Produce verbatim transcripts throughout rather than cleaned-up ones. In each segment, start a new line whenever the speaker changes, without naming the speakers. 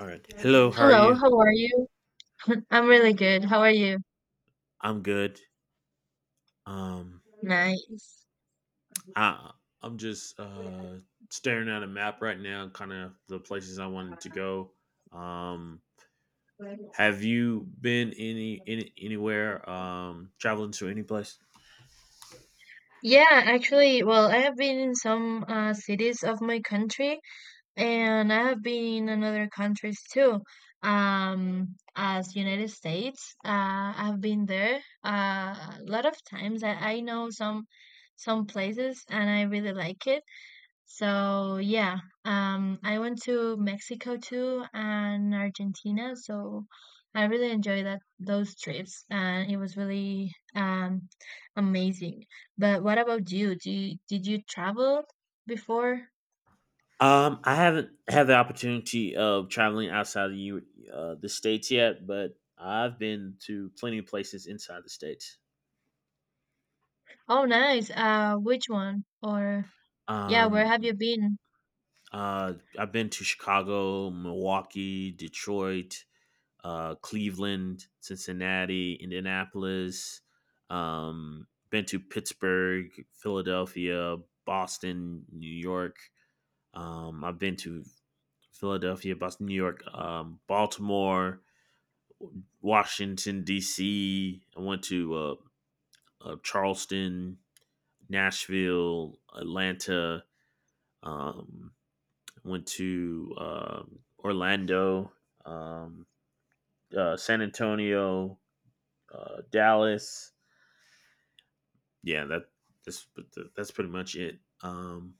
All right. Hello, how are
Hello,
you?
how are you? I'm really good. How are you?
I'm good. Um
Nice.
I I'm just uh staring at a map right now, kind of the places I wanted to go. Um have you been any, any anywhere um traveling to any place?
Yeah, actually, well, I have been in some uh, cities of my country, and I have been in other countries too. Um, as United States, uh, I've been there uh, a lot of times. I, I know some some places, and I really like it. So yeah, um, I went to Mexico too and Argentina. So I really enjoyed that those trips, and it was really um, amazing. But what about you? Do you, did you travel before?
Um I haven't had the opportunity of traveling outside of you uh the states yet, but I've been to plenty of places inside the states.
Oh, nice. Uh, which one? Or yeah, where
Um
have you been?
uh I've been to Chicago, Milwaukee, Detroit, uh, Cleveland, Cincinnati, Indianapolis. Um, been to Pittsburgh, Philadelphia, Boston, New York. Um, I've been to Philadelphia, Boston, New York, um, Baltimore, Washington D C. I went to uh, uh, Charleston, Nashville, Atlanta. Um, went to um Orlando, um, uh, San Antonio, uh, Dallas, yeah, that that's that's pretty much it. Um,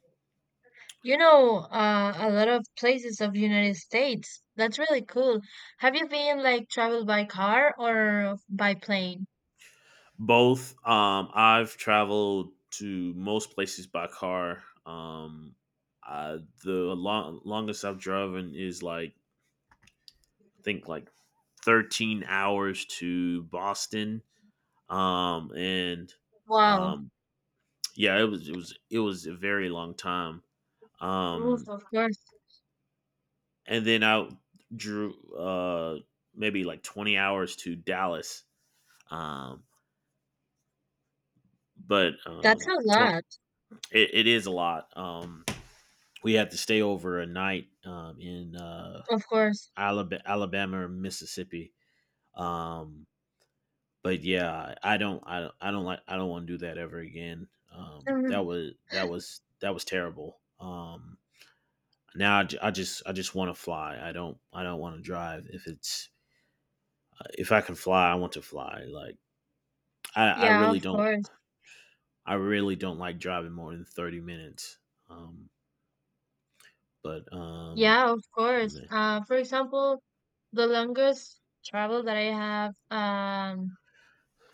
You know, uh, a lot of places of United States. That's really cool. Have you been, like, traveled by car or by plane?
Both. Um, I've traveled to most places by car. Um, uh, the long, longest I've driven is like I think like thirteen hours to Boston. Um, and
Wow.
um, yeah, it was it was it was a very long time.
Oh,
Um,
of course.
and then I drew uh maybe like twenty hours to Dallas. Um, but
That's
um,
a
twenty,
lot.
it, it is a lot. Um, we had to stay over a night um, in uh,
Of course.
Alabama, Alabama or Mississippi. Um, but yeah, I don't, I, don't- I don't like, I don't want to do that ever again. Um, that
Mhm.
was, that was, that was terrible. Um, now I, ju- I just, I just want to fly. I don't, I don't want to drive. If it's, uh, if I can fly, I want to fly. Like I, I
Yeah,
really
of
don't,
course.
I really don't like driving more than thirty minutes. Um, but um,
Yeah, of course.
man.
Uh, for example, the longest travel that I have um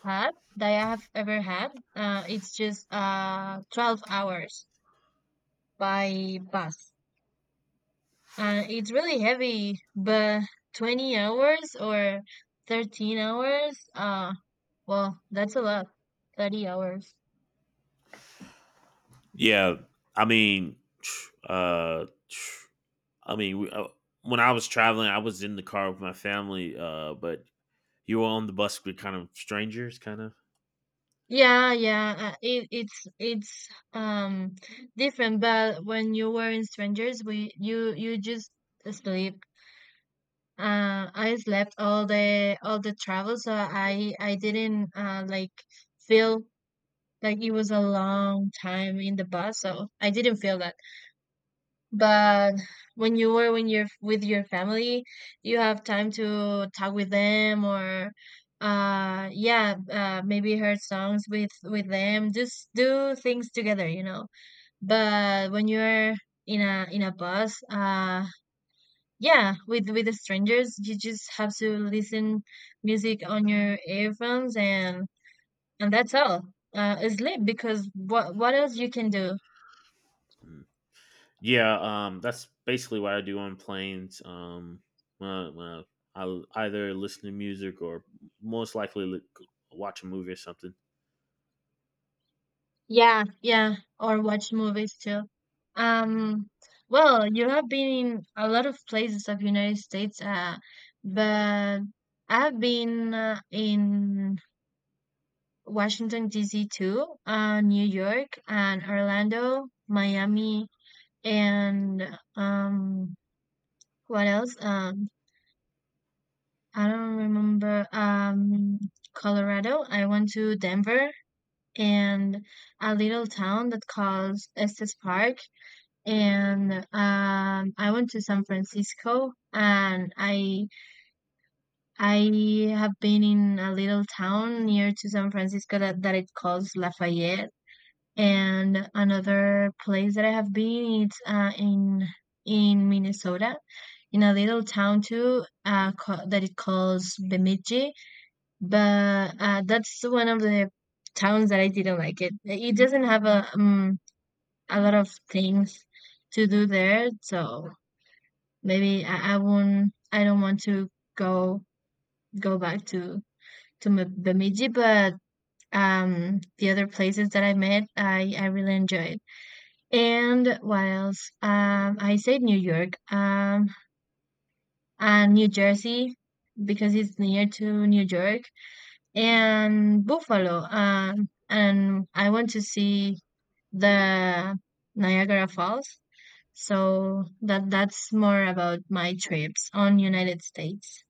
had that I have ever had, uh, it's just uh twelve hours by bus. Uh, it's really heavy, but twenty hours or thirteen hours, uh, well, that's a lot. thirty hours.
Yeah, I mean, uh, I mean, we, uh, when I was traveling, I was in the car with my family, uh, but you were on the bus with kind of strangers, kind of.
Yeah, yeah, uh, it, it's it's um different. But when you were in strangers, we you you just sleep. Uh, I slept all the all the travel, so I I didn't uh like feel like it was a long time in the bus, so I didn't feel that. But when you were when you're with your family, you have time to talk with them or uh yeah, uh maybe heard songs with with them, just do things together, you know. But when you're in a in a bus, uh yeah, with with the strangers, you just have to listen music on your earphones and and that's all. Uh, sleep, because what what else you can do?
Yeah, um, that's basically what I do on planes. Um, when I, when I, I'll either listen to music or most likely look, watch a movie or something.
Yeah, yeah, or watch movies too. Um, well, you have been in a lot of places of United States, uh, but I've been uh, in Washington, D C too, uh, New York and Orlando, Miami, and um, what else? Um, I don't remember. Um, Colorado. I went to Denver and a little town that calls Estes Park, and um, I went to San Francisco, and I I have been in a little town near to San Francisco that, that it calls Lafayette, and another place that I have been it's uh, in in Minnesota, in a little town too uh, ca- that it calls Bemidji, but uh, that's one of the towns that I didn't like it. It doesn't have a um, a lot of things to do there, so maybe I, I won't I don't want to go go back to to M- Bemidji, but um the other places that I met I I really enjoyed. And what else? Um I said New York. Um and New Jersey because it's near to New York and Buffalo. Um and I want to see the Niagara Falls. So that that's more about my trips on United States.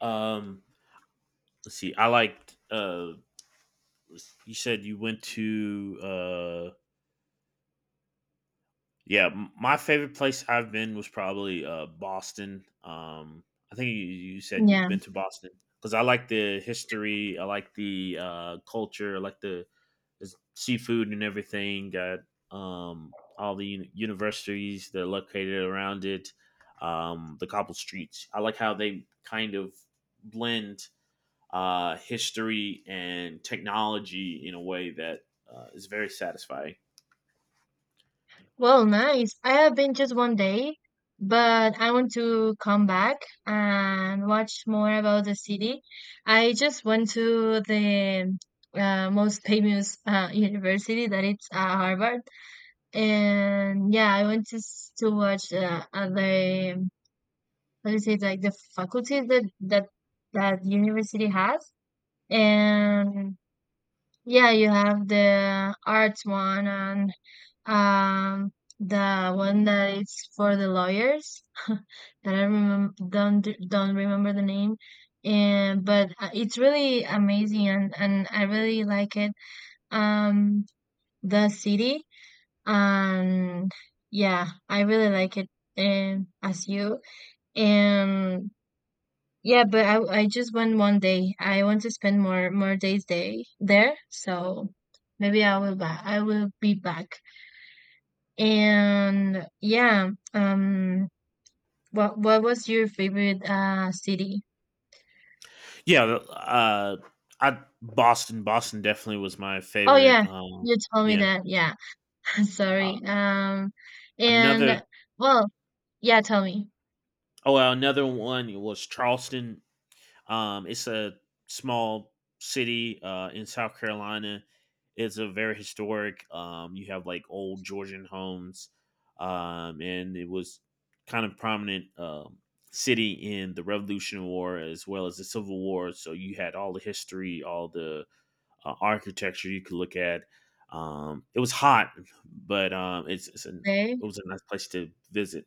Um, let's see. I liked. Uh, you said you went to. Uh, yeah, m- my favorite place I've been was probably uh, Boston. Um, I think you, you said you've
Yeah.
been to Boston because I like the history. I like the uh, culture. I like the. There's seafood and everything. Got um, all the uni- universities that are located around it. Um, the cobble streets. I like how they kind of blend uh, history and technology in a way that uh, is very satisfying.
Well, nice. I have been just one day, but I want to come back and watch more about the city. I just went to the uh, most famous uh, university that it's uh, Harvard, and yeah, I went to s- to watch uh, uh, the, how do you say, like the faculties that that that university has, and yeah, you have the arts one and um, the one that is for the lawyers that I remember don't don't remember the name, and but uh, it's really amazing and and I really like it. Um, the city. And yeah, I really like it. And as you and yeah, but I I just went one day. I want to spend more more days day there, so maybe I will back. I will be back. And yeah, um, what what was your favorite uh city?
Yeah, uh, I Boston. Boston definitely was my
Oh
favorite.
yeah,
Um,
you told me
yeah,
that. Yeah,
uh,
sorry. Um,
another.
and Well, yeah, tell me.
Oh, well, another one was Charleston. Um, it's a small city uh, in South Carolina. It's a very historic. Um, you have like old Georgian homes, um, and it was kind of prominent um, city in the Revolutionary War as well as the Civil War. So you had all the history, all the uh, architecture you could look at. Um, it was hot, but um, it's, it's an,
Okay,
it was a nice place to visit.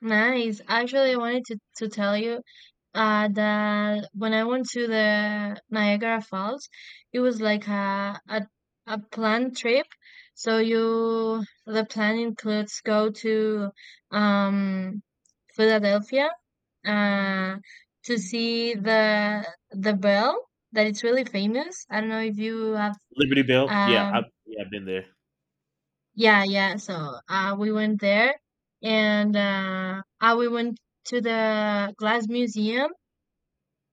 nice. Actually, I wanted to to tell you uh that when I went to the Niagara Falls, it was like a a a planned trip. So you the plan includes go to um Philadelphia, uh, to see the the bell that it's really famous. I don't know if you have.
Liberty Bell, yeah, I,
um
yeah, I've been there.
yeah, yeah. So uh we went there, and uh, uh we went to the glass museum.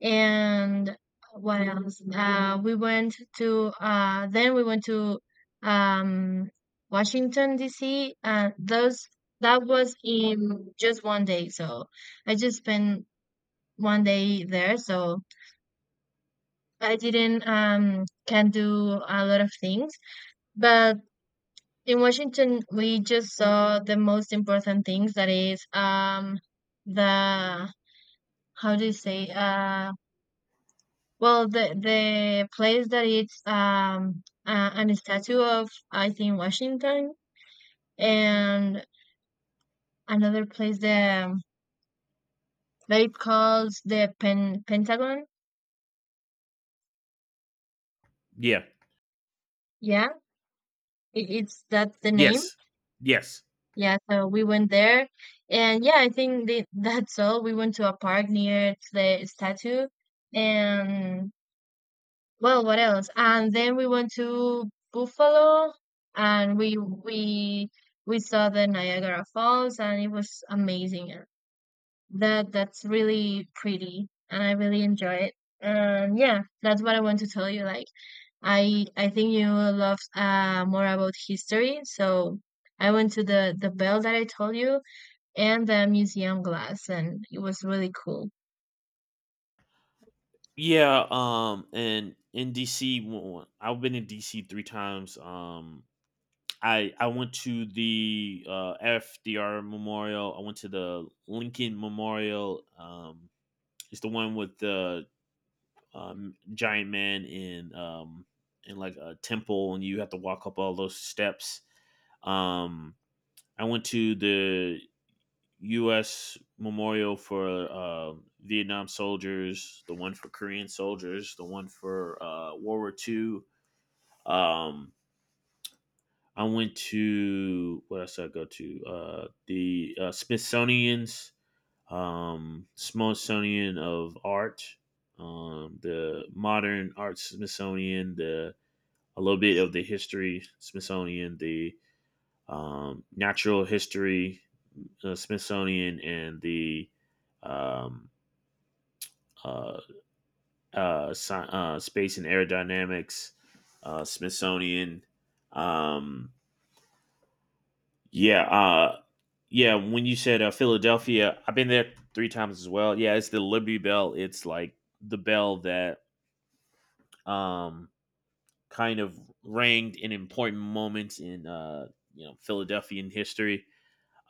And what else? Uh we went to uh then we went to um Washington D C, and those that was in just one day. So I just spent one day there, so I didn't um can do a lot of things. But in Washington, we just saw the most important things. That is, um, the, how do you say? Uh, well, the the place that it's um uh, an statue of I think Washington, and another place, the that it calls the Pen Pentagon.
Yeah,
Yeah, it, it's that's the name.
yes, yes.
Yeah, so we went there, and yeah, I think they, that's all. We went to a park near to the statue, and, well, what else? And then we went to Buffalo, and we we we saw the Niagara Falls, and it was amazing. Uh, That that's really pretty, and I really enjoy it. And yeah, that's what I want to tell you. Like, I I think you love uh more about history, so I went to the the bell that I told you and the museum glass, and it was really cool.
Yeah, um, and in D C, w- I've been in D C three times. Um, I I went to the uh, F D R Memorial. I went to the Lincoln Memorial. Um, it's the one with the um, giant man in um in like a temple, and you have to walk up all those steps. Um, I went to the U S memorial for uh, Vietnam soldiers, the one for Korean soldiers, the one for uh, World War Two. Um, I went to. What else did I go to? Uh, the uh, Smithsonian's, um, Smithsonian of Art, um, the Modern Art Smithsonian, the a little bit of the history Smithsonian, the um, Natural History uh, Smithsonian, and the um, uh, uh, sci- uh, Space and Aerodynamics, uh, Smithsonian. Um, yeah, uh, yeah. When you said uh, Philadelphia, I've been there three times as well. Yeah, it's the Liberty Bell. It's like the bell that um, kind of rang in important moments in uh, you know Philadelphian history.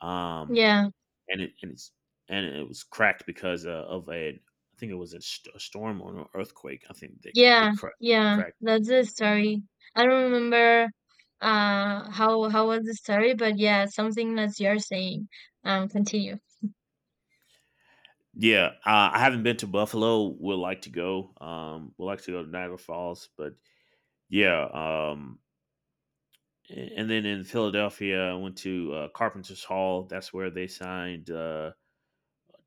Um,
Yeah,
and it and it's and it was cracked because uh, of a I think it was a, st- a storm or an earthquake. I think they, it
yeah,
cra-
yeah.
cracked.
That's the story. I don't remember uh how how was the story, but yeah, something that you're saying. Um, continue.
Yeah, uh, I haven't been to Buffalo. Would like to go. Um, would like to go to Niagara Falls, but yeah. Um, a- and then in Philadelphia, I went to uh, Carpenter's Hall. That's where they signed uh,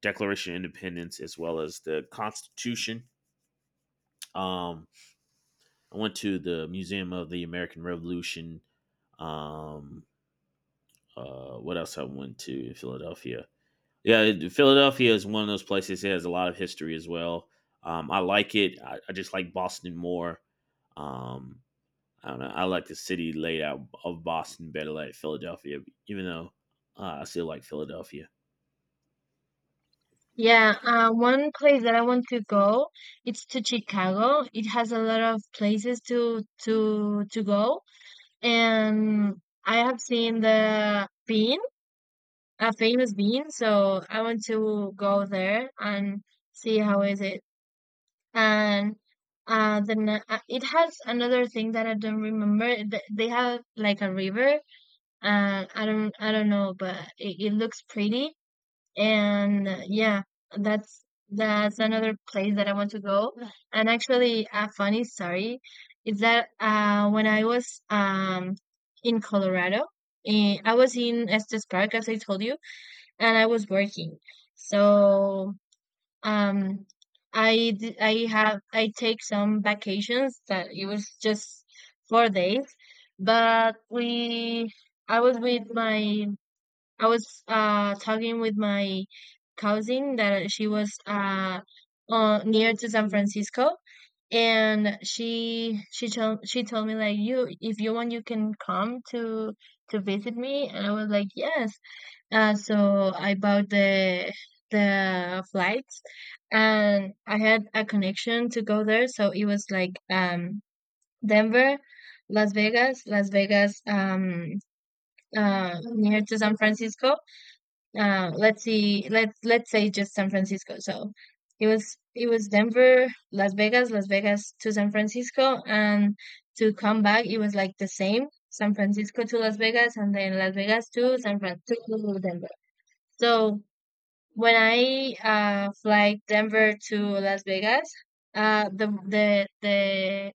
Declaration of Independence as well as the Constitution. Um, I went to the Museum of the American Revolution. Um, uh, what else I went to in Philadelphia? Yeah, Philadelphia is one of those places that has a lot of history as well. Um, I like it. I, I just like Boston more. Um, I don't know. I like the city laid out of Boston better than like Philadelphia, even though uh, I still like Philadelphia.
Yeah, uh, one place that I want to go, it's to Chicago. It has a lot of places to to to go, and I have seen the bean, a famous bean, so I want to go there and see how is it. And uh then, uh, it has another thing that I don't remember. Th- They have like a river, and I don't I don't know, but it, it looks pretty. And uh, yeah, that's that's another place that I want to go. And actually, a funny story is that uh when I was um in Colorado, eh, I was in Estes Park as I told you, and I was working. So um, I d- I have I take some vacations that it was just four days, but we I was with my I was uh talking with my cousin that she was uh, uh near to San Francisco, and she she told she told me, like, you if you want you can come to to visit me, and I was like yes. Uh so I bought the the flight and I had a connection to go there. So it was like um Denver, Las Vegas, Las Vegas um uh near to San Francisco. Uh let's see, let's let's say just San Francisco. So it was it was Denver, Las Vegas, Las Vegas to San Francisco, and to come back it was like the same: San Francisco to Las Vegas, and then Las Vegas to San Fran to Denver. So when I uh fly Denver to Las Vegas, uh the the the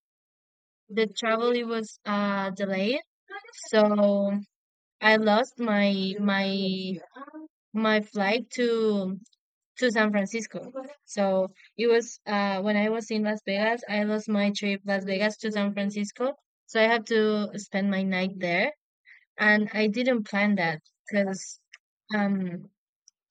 the travel it was uh delayed, so I lost my my my flight to to San Francisco. So it was uh when I was in Las Vegas, I lost my trip Las Vegas to San Francisco. So I had to spend my night there, and I didn't plan that because um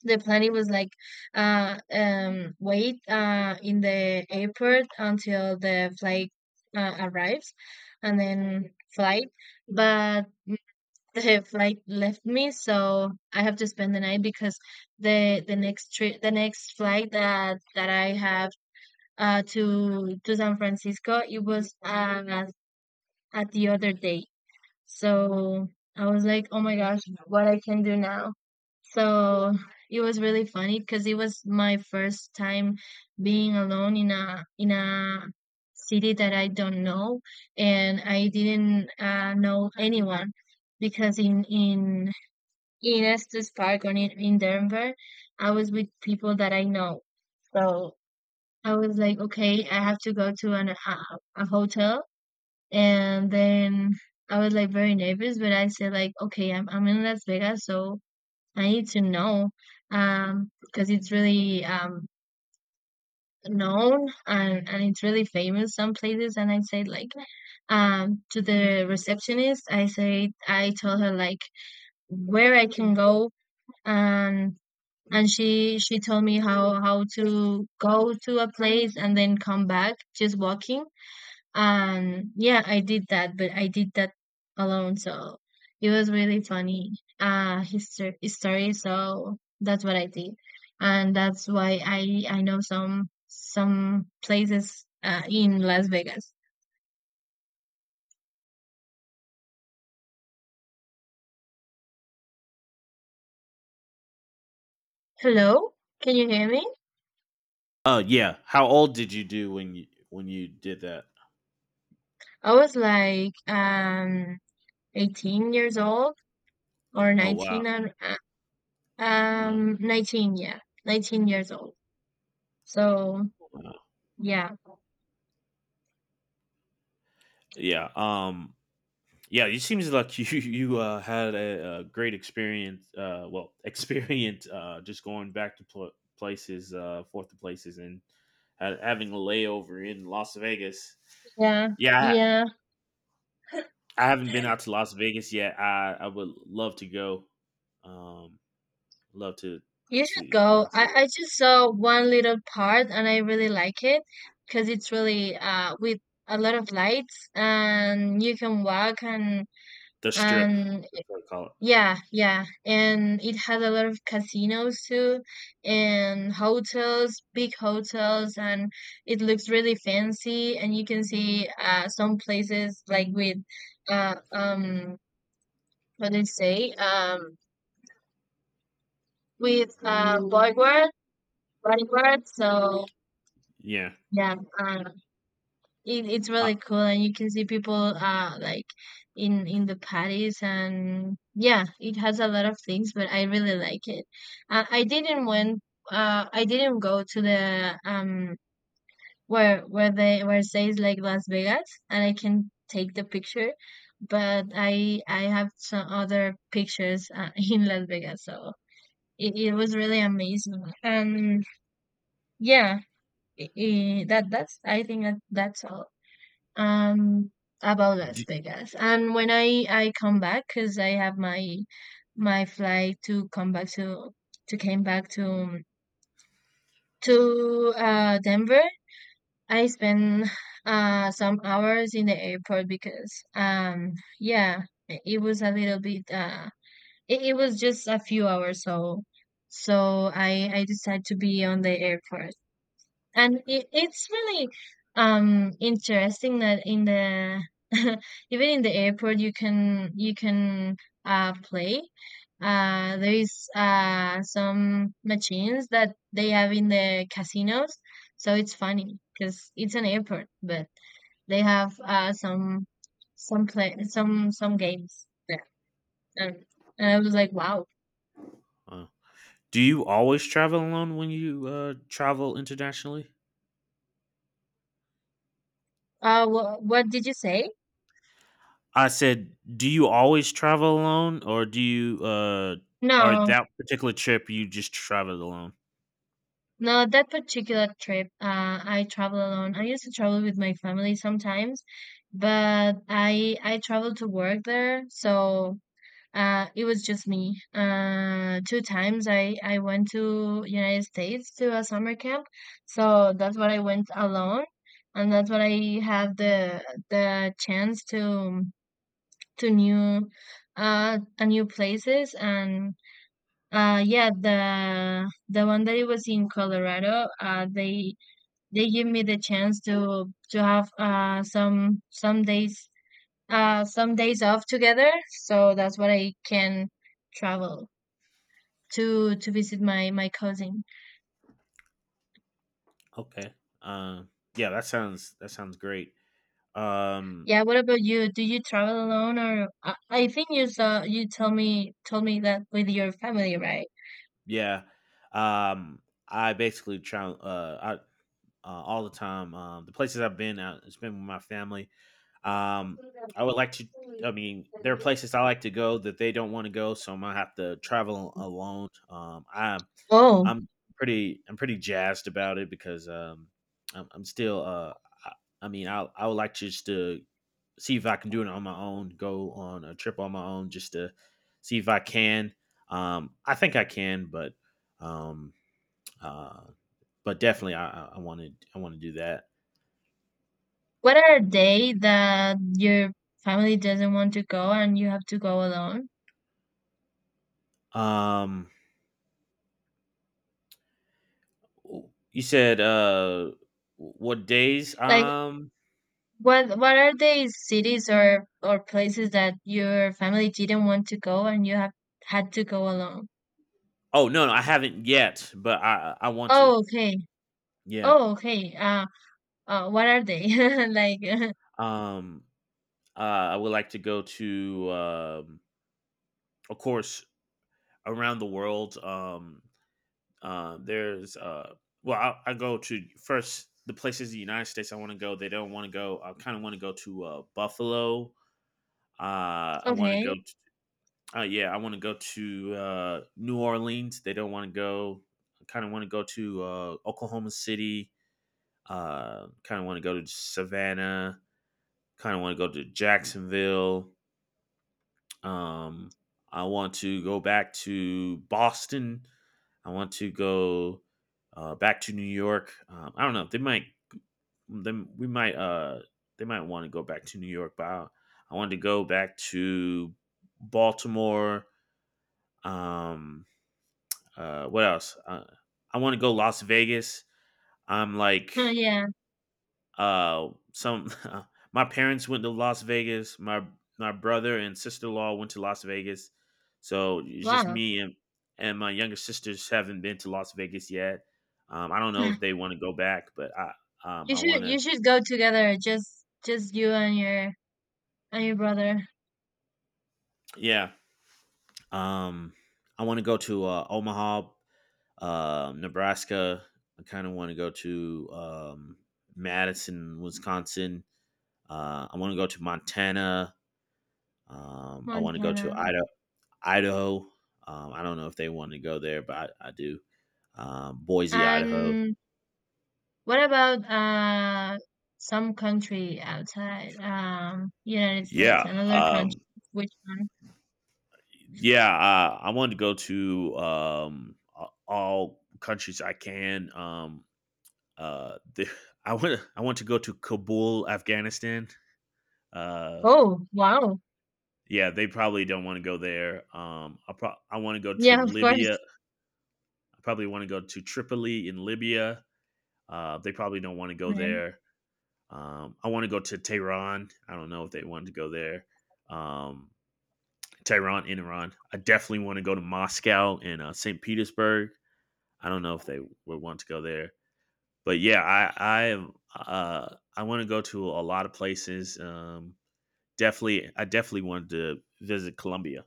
the planning was like uh um wait uh in the airport until the flight uh, arrives, and then flight, but the flight left me, so I have to spend the night, because the the next trip the next flight that that I have uh to to San Francisco, it was uh, at at the other day. So I was like, oh my gosh, what I can do now. So it was really funny, because it was my first time being alone in a in a city that I don't know, and I didn't uh, know anyone because in in in Estes Park, or in, in Denver, I was with people that I know. So I was like, okay, I have to go to an, a, a hotel, and then I was like very nervous. But I said like, okay, I'm I'm in Las Vegas, so I need to know um because it's really um known, and and it's really famous some places. And I said, like, um to the receptionist, I say I told her, like, where I can go, and and she she told me how how to go to a place and then come back just walking, and yeah, I did that, but I did that alone. So it was really funny uh history story. So that's what I did, and that's why I I know some some places uh, in Las Vegas. Hello, can you hear me?
Oh yeah. How old did you do when you when you did that?
I was like um eighteen years old or
Oh wow,
nineteen and uh,
wow,
um nineteen, yeah, nineteen years old. So
wow.
yeah,
Yeah. Um, Yeah, it seems like you you uh, had a, a great experience. Uh, well, experience uh, just going back to pl- places, uh, forth to places, and ha- having a layover in Las Vegas.
yeah.
Yeah,
Yeah,
I, I haven't been out to Las Vegas yet. I, I would love to go. Um, love to
you should
see
go.
uh, see
I, I
it.
just saw one little part and I really like it because it's really uh with a lot of lights and you can walk and
The Strip.
and
That's what I call it.
yeah, yeah. And it has a lot of casinos too and hotels, big hotels, and it looks really fancy, and you can see uh some places like with uh um what do you say? Um with uh bodyguard bodyguard so
Yeah.
yeah. um, it, it's
Uh,
really cool, and you can see people uh like in in the patties, and yeah, it has a lot of things, but I really like it. Uh, I didn't went. Uh, I didn't go to the um where where they where it says like Las Vegas, and I can take the picture, but I I have some other pictures uh, in Las Vegas, so it, it was really amazing, and yeah, i i that that's I think that that's all. um about Las
do,
Vegas. And when I I come back, because I have my my flight to come back to to came back to to uh Denver, I spent uh some hours in the airport because um yeah, i- it was a little bit uh it, it was just a few hours, so so I I decided to be on the airport, and it, it's really um interesting that in the even in the airport you can you can uh play uh there is uh some machines that they have in the casinos, so it's funny because it's an airport, but they have uh some some play some some games there, and, and I was like wow.
uh, do you always travel alone when you uh, travel internationally?
Uh wh- what did you say?
I said, "Do you always travel alone, or do you, uh, or
No.
that particular trip you just traveled alone?"
No, that particular trip, uh, I travel alone. I used to travel with my family sometimes, but I I traveled to work there, so uh, it was just me. Uh, two times I I went to United States to a summer camp, so that's what I went alone, and that's what I had the the chance to to new uh a new places, and uh, yeah, the the one that it was in Colorado. Uh, they they give me the chance to to have uh some some days uh some days off together. So that's what I can travel to to visit my my cousin.
Okay. Uh, yeah, that sounds that sounds great. Um,
Yeah, what about you? Do you travel alone, or I, I think you saw you tell me told me that with your family, right?
yeah, um, I basically travel, uh, I, uh, all the time. Um, the places I've been, uh, it's been with my family. Um, I would like to. I mean, there are places I like to go that they don't want to go, so I'm gonna have to travel alone. Um, I
Oh,
I'm pretty I'm pretty jazzed about it because um I'm, I'm still uh I, I mean I I would like just to see if I can do it on my own, go on a trip on my own just to see if I can. Um I think I can, but um uh but definitely I I want to I want to do that.
what are a day that your family doesn't want to go and you have to go alone?
Um you said uh what days?
Like,
Um
What what are the cities or or places that your family didn't want to go and you have had to go alone?
oh no, no I haven't yet, but I I I want to.
Oh, okay.
Yeah.
Oh, okay. Uh, uh, what are they? Like,
Um Uh, I would like to go to, um, of course, around the world. Um, uh, there's, uh, well, I, I go to first the places in the United States I want to go. They don't want to go. I kind of want to go to uh, Buffalo. Uh, I want to go.
okay.
To, uh, yeah, I want to go to uh, New Orleans. They don't want to go. I kind of want to go to uh, Oklahoma City. Uh, kind of want to go to Savannah. Kind of want to go to Jacksonville. Um, I want to go back to Boston. I want to go uh, back to New York. Um, I don't know. They might. Then we might. Uh, they might want to go back to New York, but I, I wanted to go back to Baltimore. Um, uh, what else? Uh, I want to go Las Vegas. I'm like.
Oh, yeah.
Uh, some my parents went to Las Vegas. My my brother and sister in law went to Las Vegas. So it's just
Wow.
me and and my younger sisters haven't been to Las Vegas yet. Um, I don't know if they want to go back, but I um,
You
I want
should you
to.
should go together. Just just you and your and your brother,
Yeah. Um, I want to go to uh, Omaha, uh, Nebraska. I kind of want to go to um, Madison, Wisconsin. Uh, I want to go to Montana. Um, I want to go to
Montana.
Idaho. Idaho. Um, I don't know if they want to go there, but I, I do. Um, Boise, Idaho.
And what about uh some country outside um United States,
Yeah.
another country?
Um,
Which one?
yeah. Uh, I wanted to go to um, a- all countries I can. Um, uh, the, I want. I want to go to Kabul, Afghanistan. Uh,
Oh, wow.
yeah, they probably don't want to go there. Um, I pro- I want to go to
Yeah, of course,
Libya. I probably want to go to Tripoli in Libya. Uh, they probably don't want to go
man.
there. Um, I want to go to Tehran. I don't know if they wanted to go there. Um, Tehran in Iran. I definitely want to go to Moscow and uh, Saint Petersburg. I don't know if they would want to go there, but yeah, I I uh, I want to go to a lot of places. Um, definitely, I definitely wanted to visit Colombia.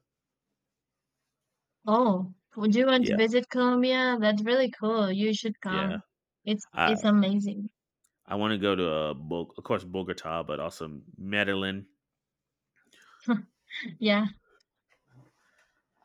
Oh, would you want to
Yeah,
visit Colombia? That's really cool. You should
yeah.
come. It's
I
it's amazing.
I want to go to uh, Bul- of course Bogota, but also Medellin.
Yeah.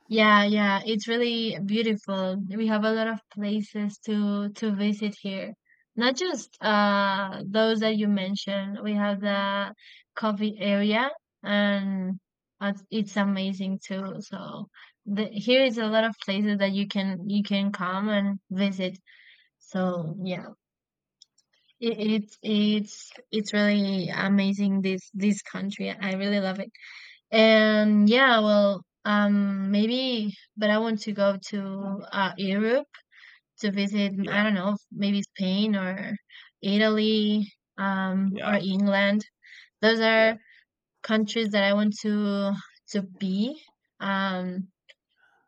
Yeah, yeah, it's really beautiful. We have a lot of places to to visit here. Not just uh those that you mentioned. We have the coffee area, and uh, it's amazing too. So the, here is a lot of places that you can you can come and visit. So yeah. It, it's it's it's really amazing this this country. I really love it. And yeah, well, um, maybe, but I want to go to uh, Europe to visit. I
Yeah,
don't know, maybe Spain or Italy, um, or
yeah,
England. Those
yeah.
are countries that I want to to be. Um,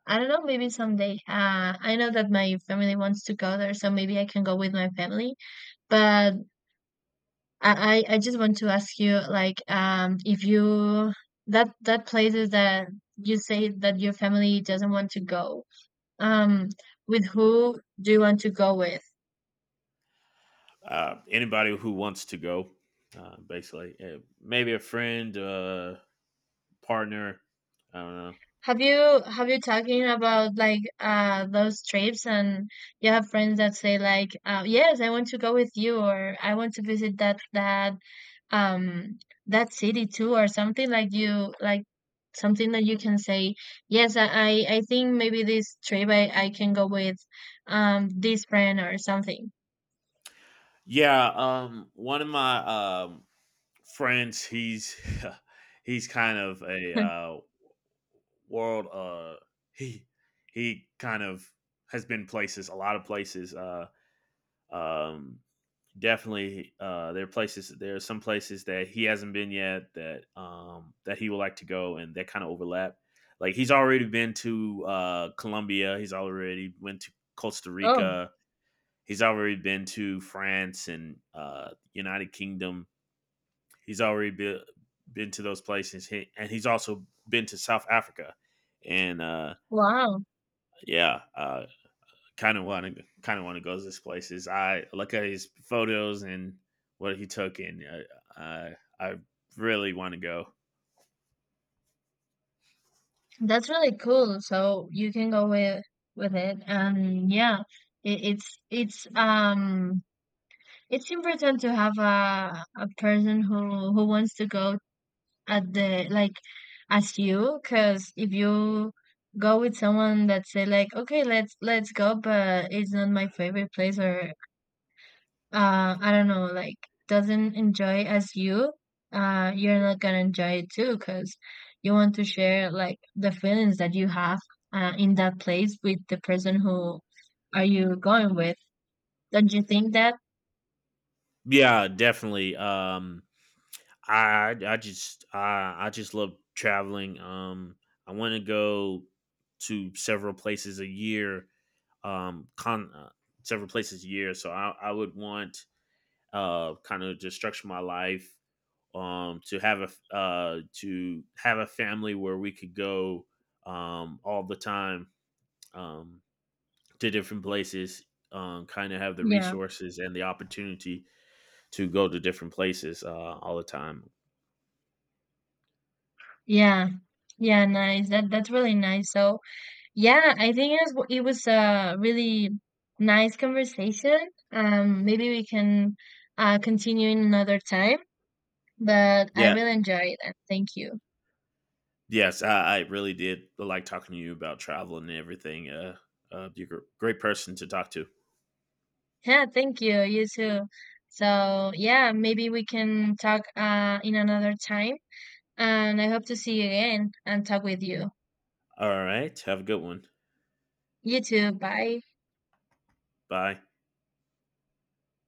I don't know, maybe someday. Uh, I know that my family wants to go there, so maybe I can go with my family. But I I I just want to ask you, like, um, if you that that places that you say that your family doesn't want to go, um, with who do you want to go with?
uh, Anybody who wants to go, uh, basically, Uh, maybe a friend, uh, partner. I don't know.
Have you have you talking about like uh those trips, and you have friends that say like uh, yes, I want to go with you, or I want to visit that that um that city too, or something like you like something that you can say yes, I I I think maybe this trip I I can go with um this friend or something.
Yeah, um, one of my um, friends, he's he's kind of a uh, world. Uh, he he kind of has been places, a lot of places. Uh, um, definitely uh, there are places there are some places that he hasn't been yet that um, that he would like to go and that kind of overlap like he's already been to uh, Colombia, he's already went to Costa
Oh,
Rica, he's already been to France and uh, United Kingdom, he's already been, been to those places he, and he's also been to South Africa and uh,
wow.
yeah uh, kind of want to kind of want to go to this place is I look at his photos and what he took and uh, I I really want to go.
That's really cool. So you can go with with it, and yeah, it, it's it's um it's important to have a a person who who wants to go at the like as you, because if you go with someone that say like, okay, let's let's go, but it's not my favorite place, or uh, I don't know, like doesn't enjoy as you, uh, you're not gonna enjoy it too, because you want to share like the feelings that you have uh, in that place with the person who are you going with. Don't you think that?
Yeah, definitely. Um, I I just I I just love traveling. Um, I want to go to several places a year. Um, con uh, several places a year. So I I would want uh kind of just structure my life um, to have a uh, to have a family where we could go um, all the time um, to different places. Um, kind of have the
Yeah.
resources and the opportunity to go to different places uh, all the time.
Yeah. Yeah, nice. That that's really nice. So, yeah, I think it was, it was a really nice conversation. Um, maybe we can uh continue in another time, but I
Yeah,
really enjoyed it. Thank you.
yes, I, I really did like talking to you about traveling and everything. Uh, uh, you're a great person to talk to.
Yeah, thank you. You too. So, yeah, maybe we can talk uh in another time, and I hope to see you again and talk with you.
All right, have a good one.
You too. Bye.
Bye.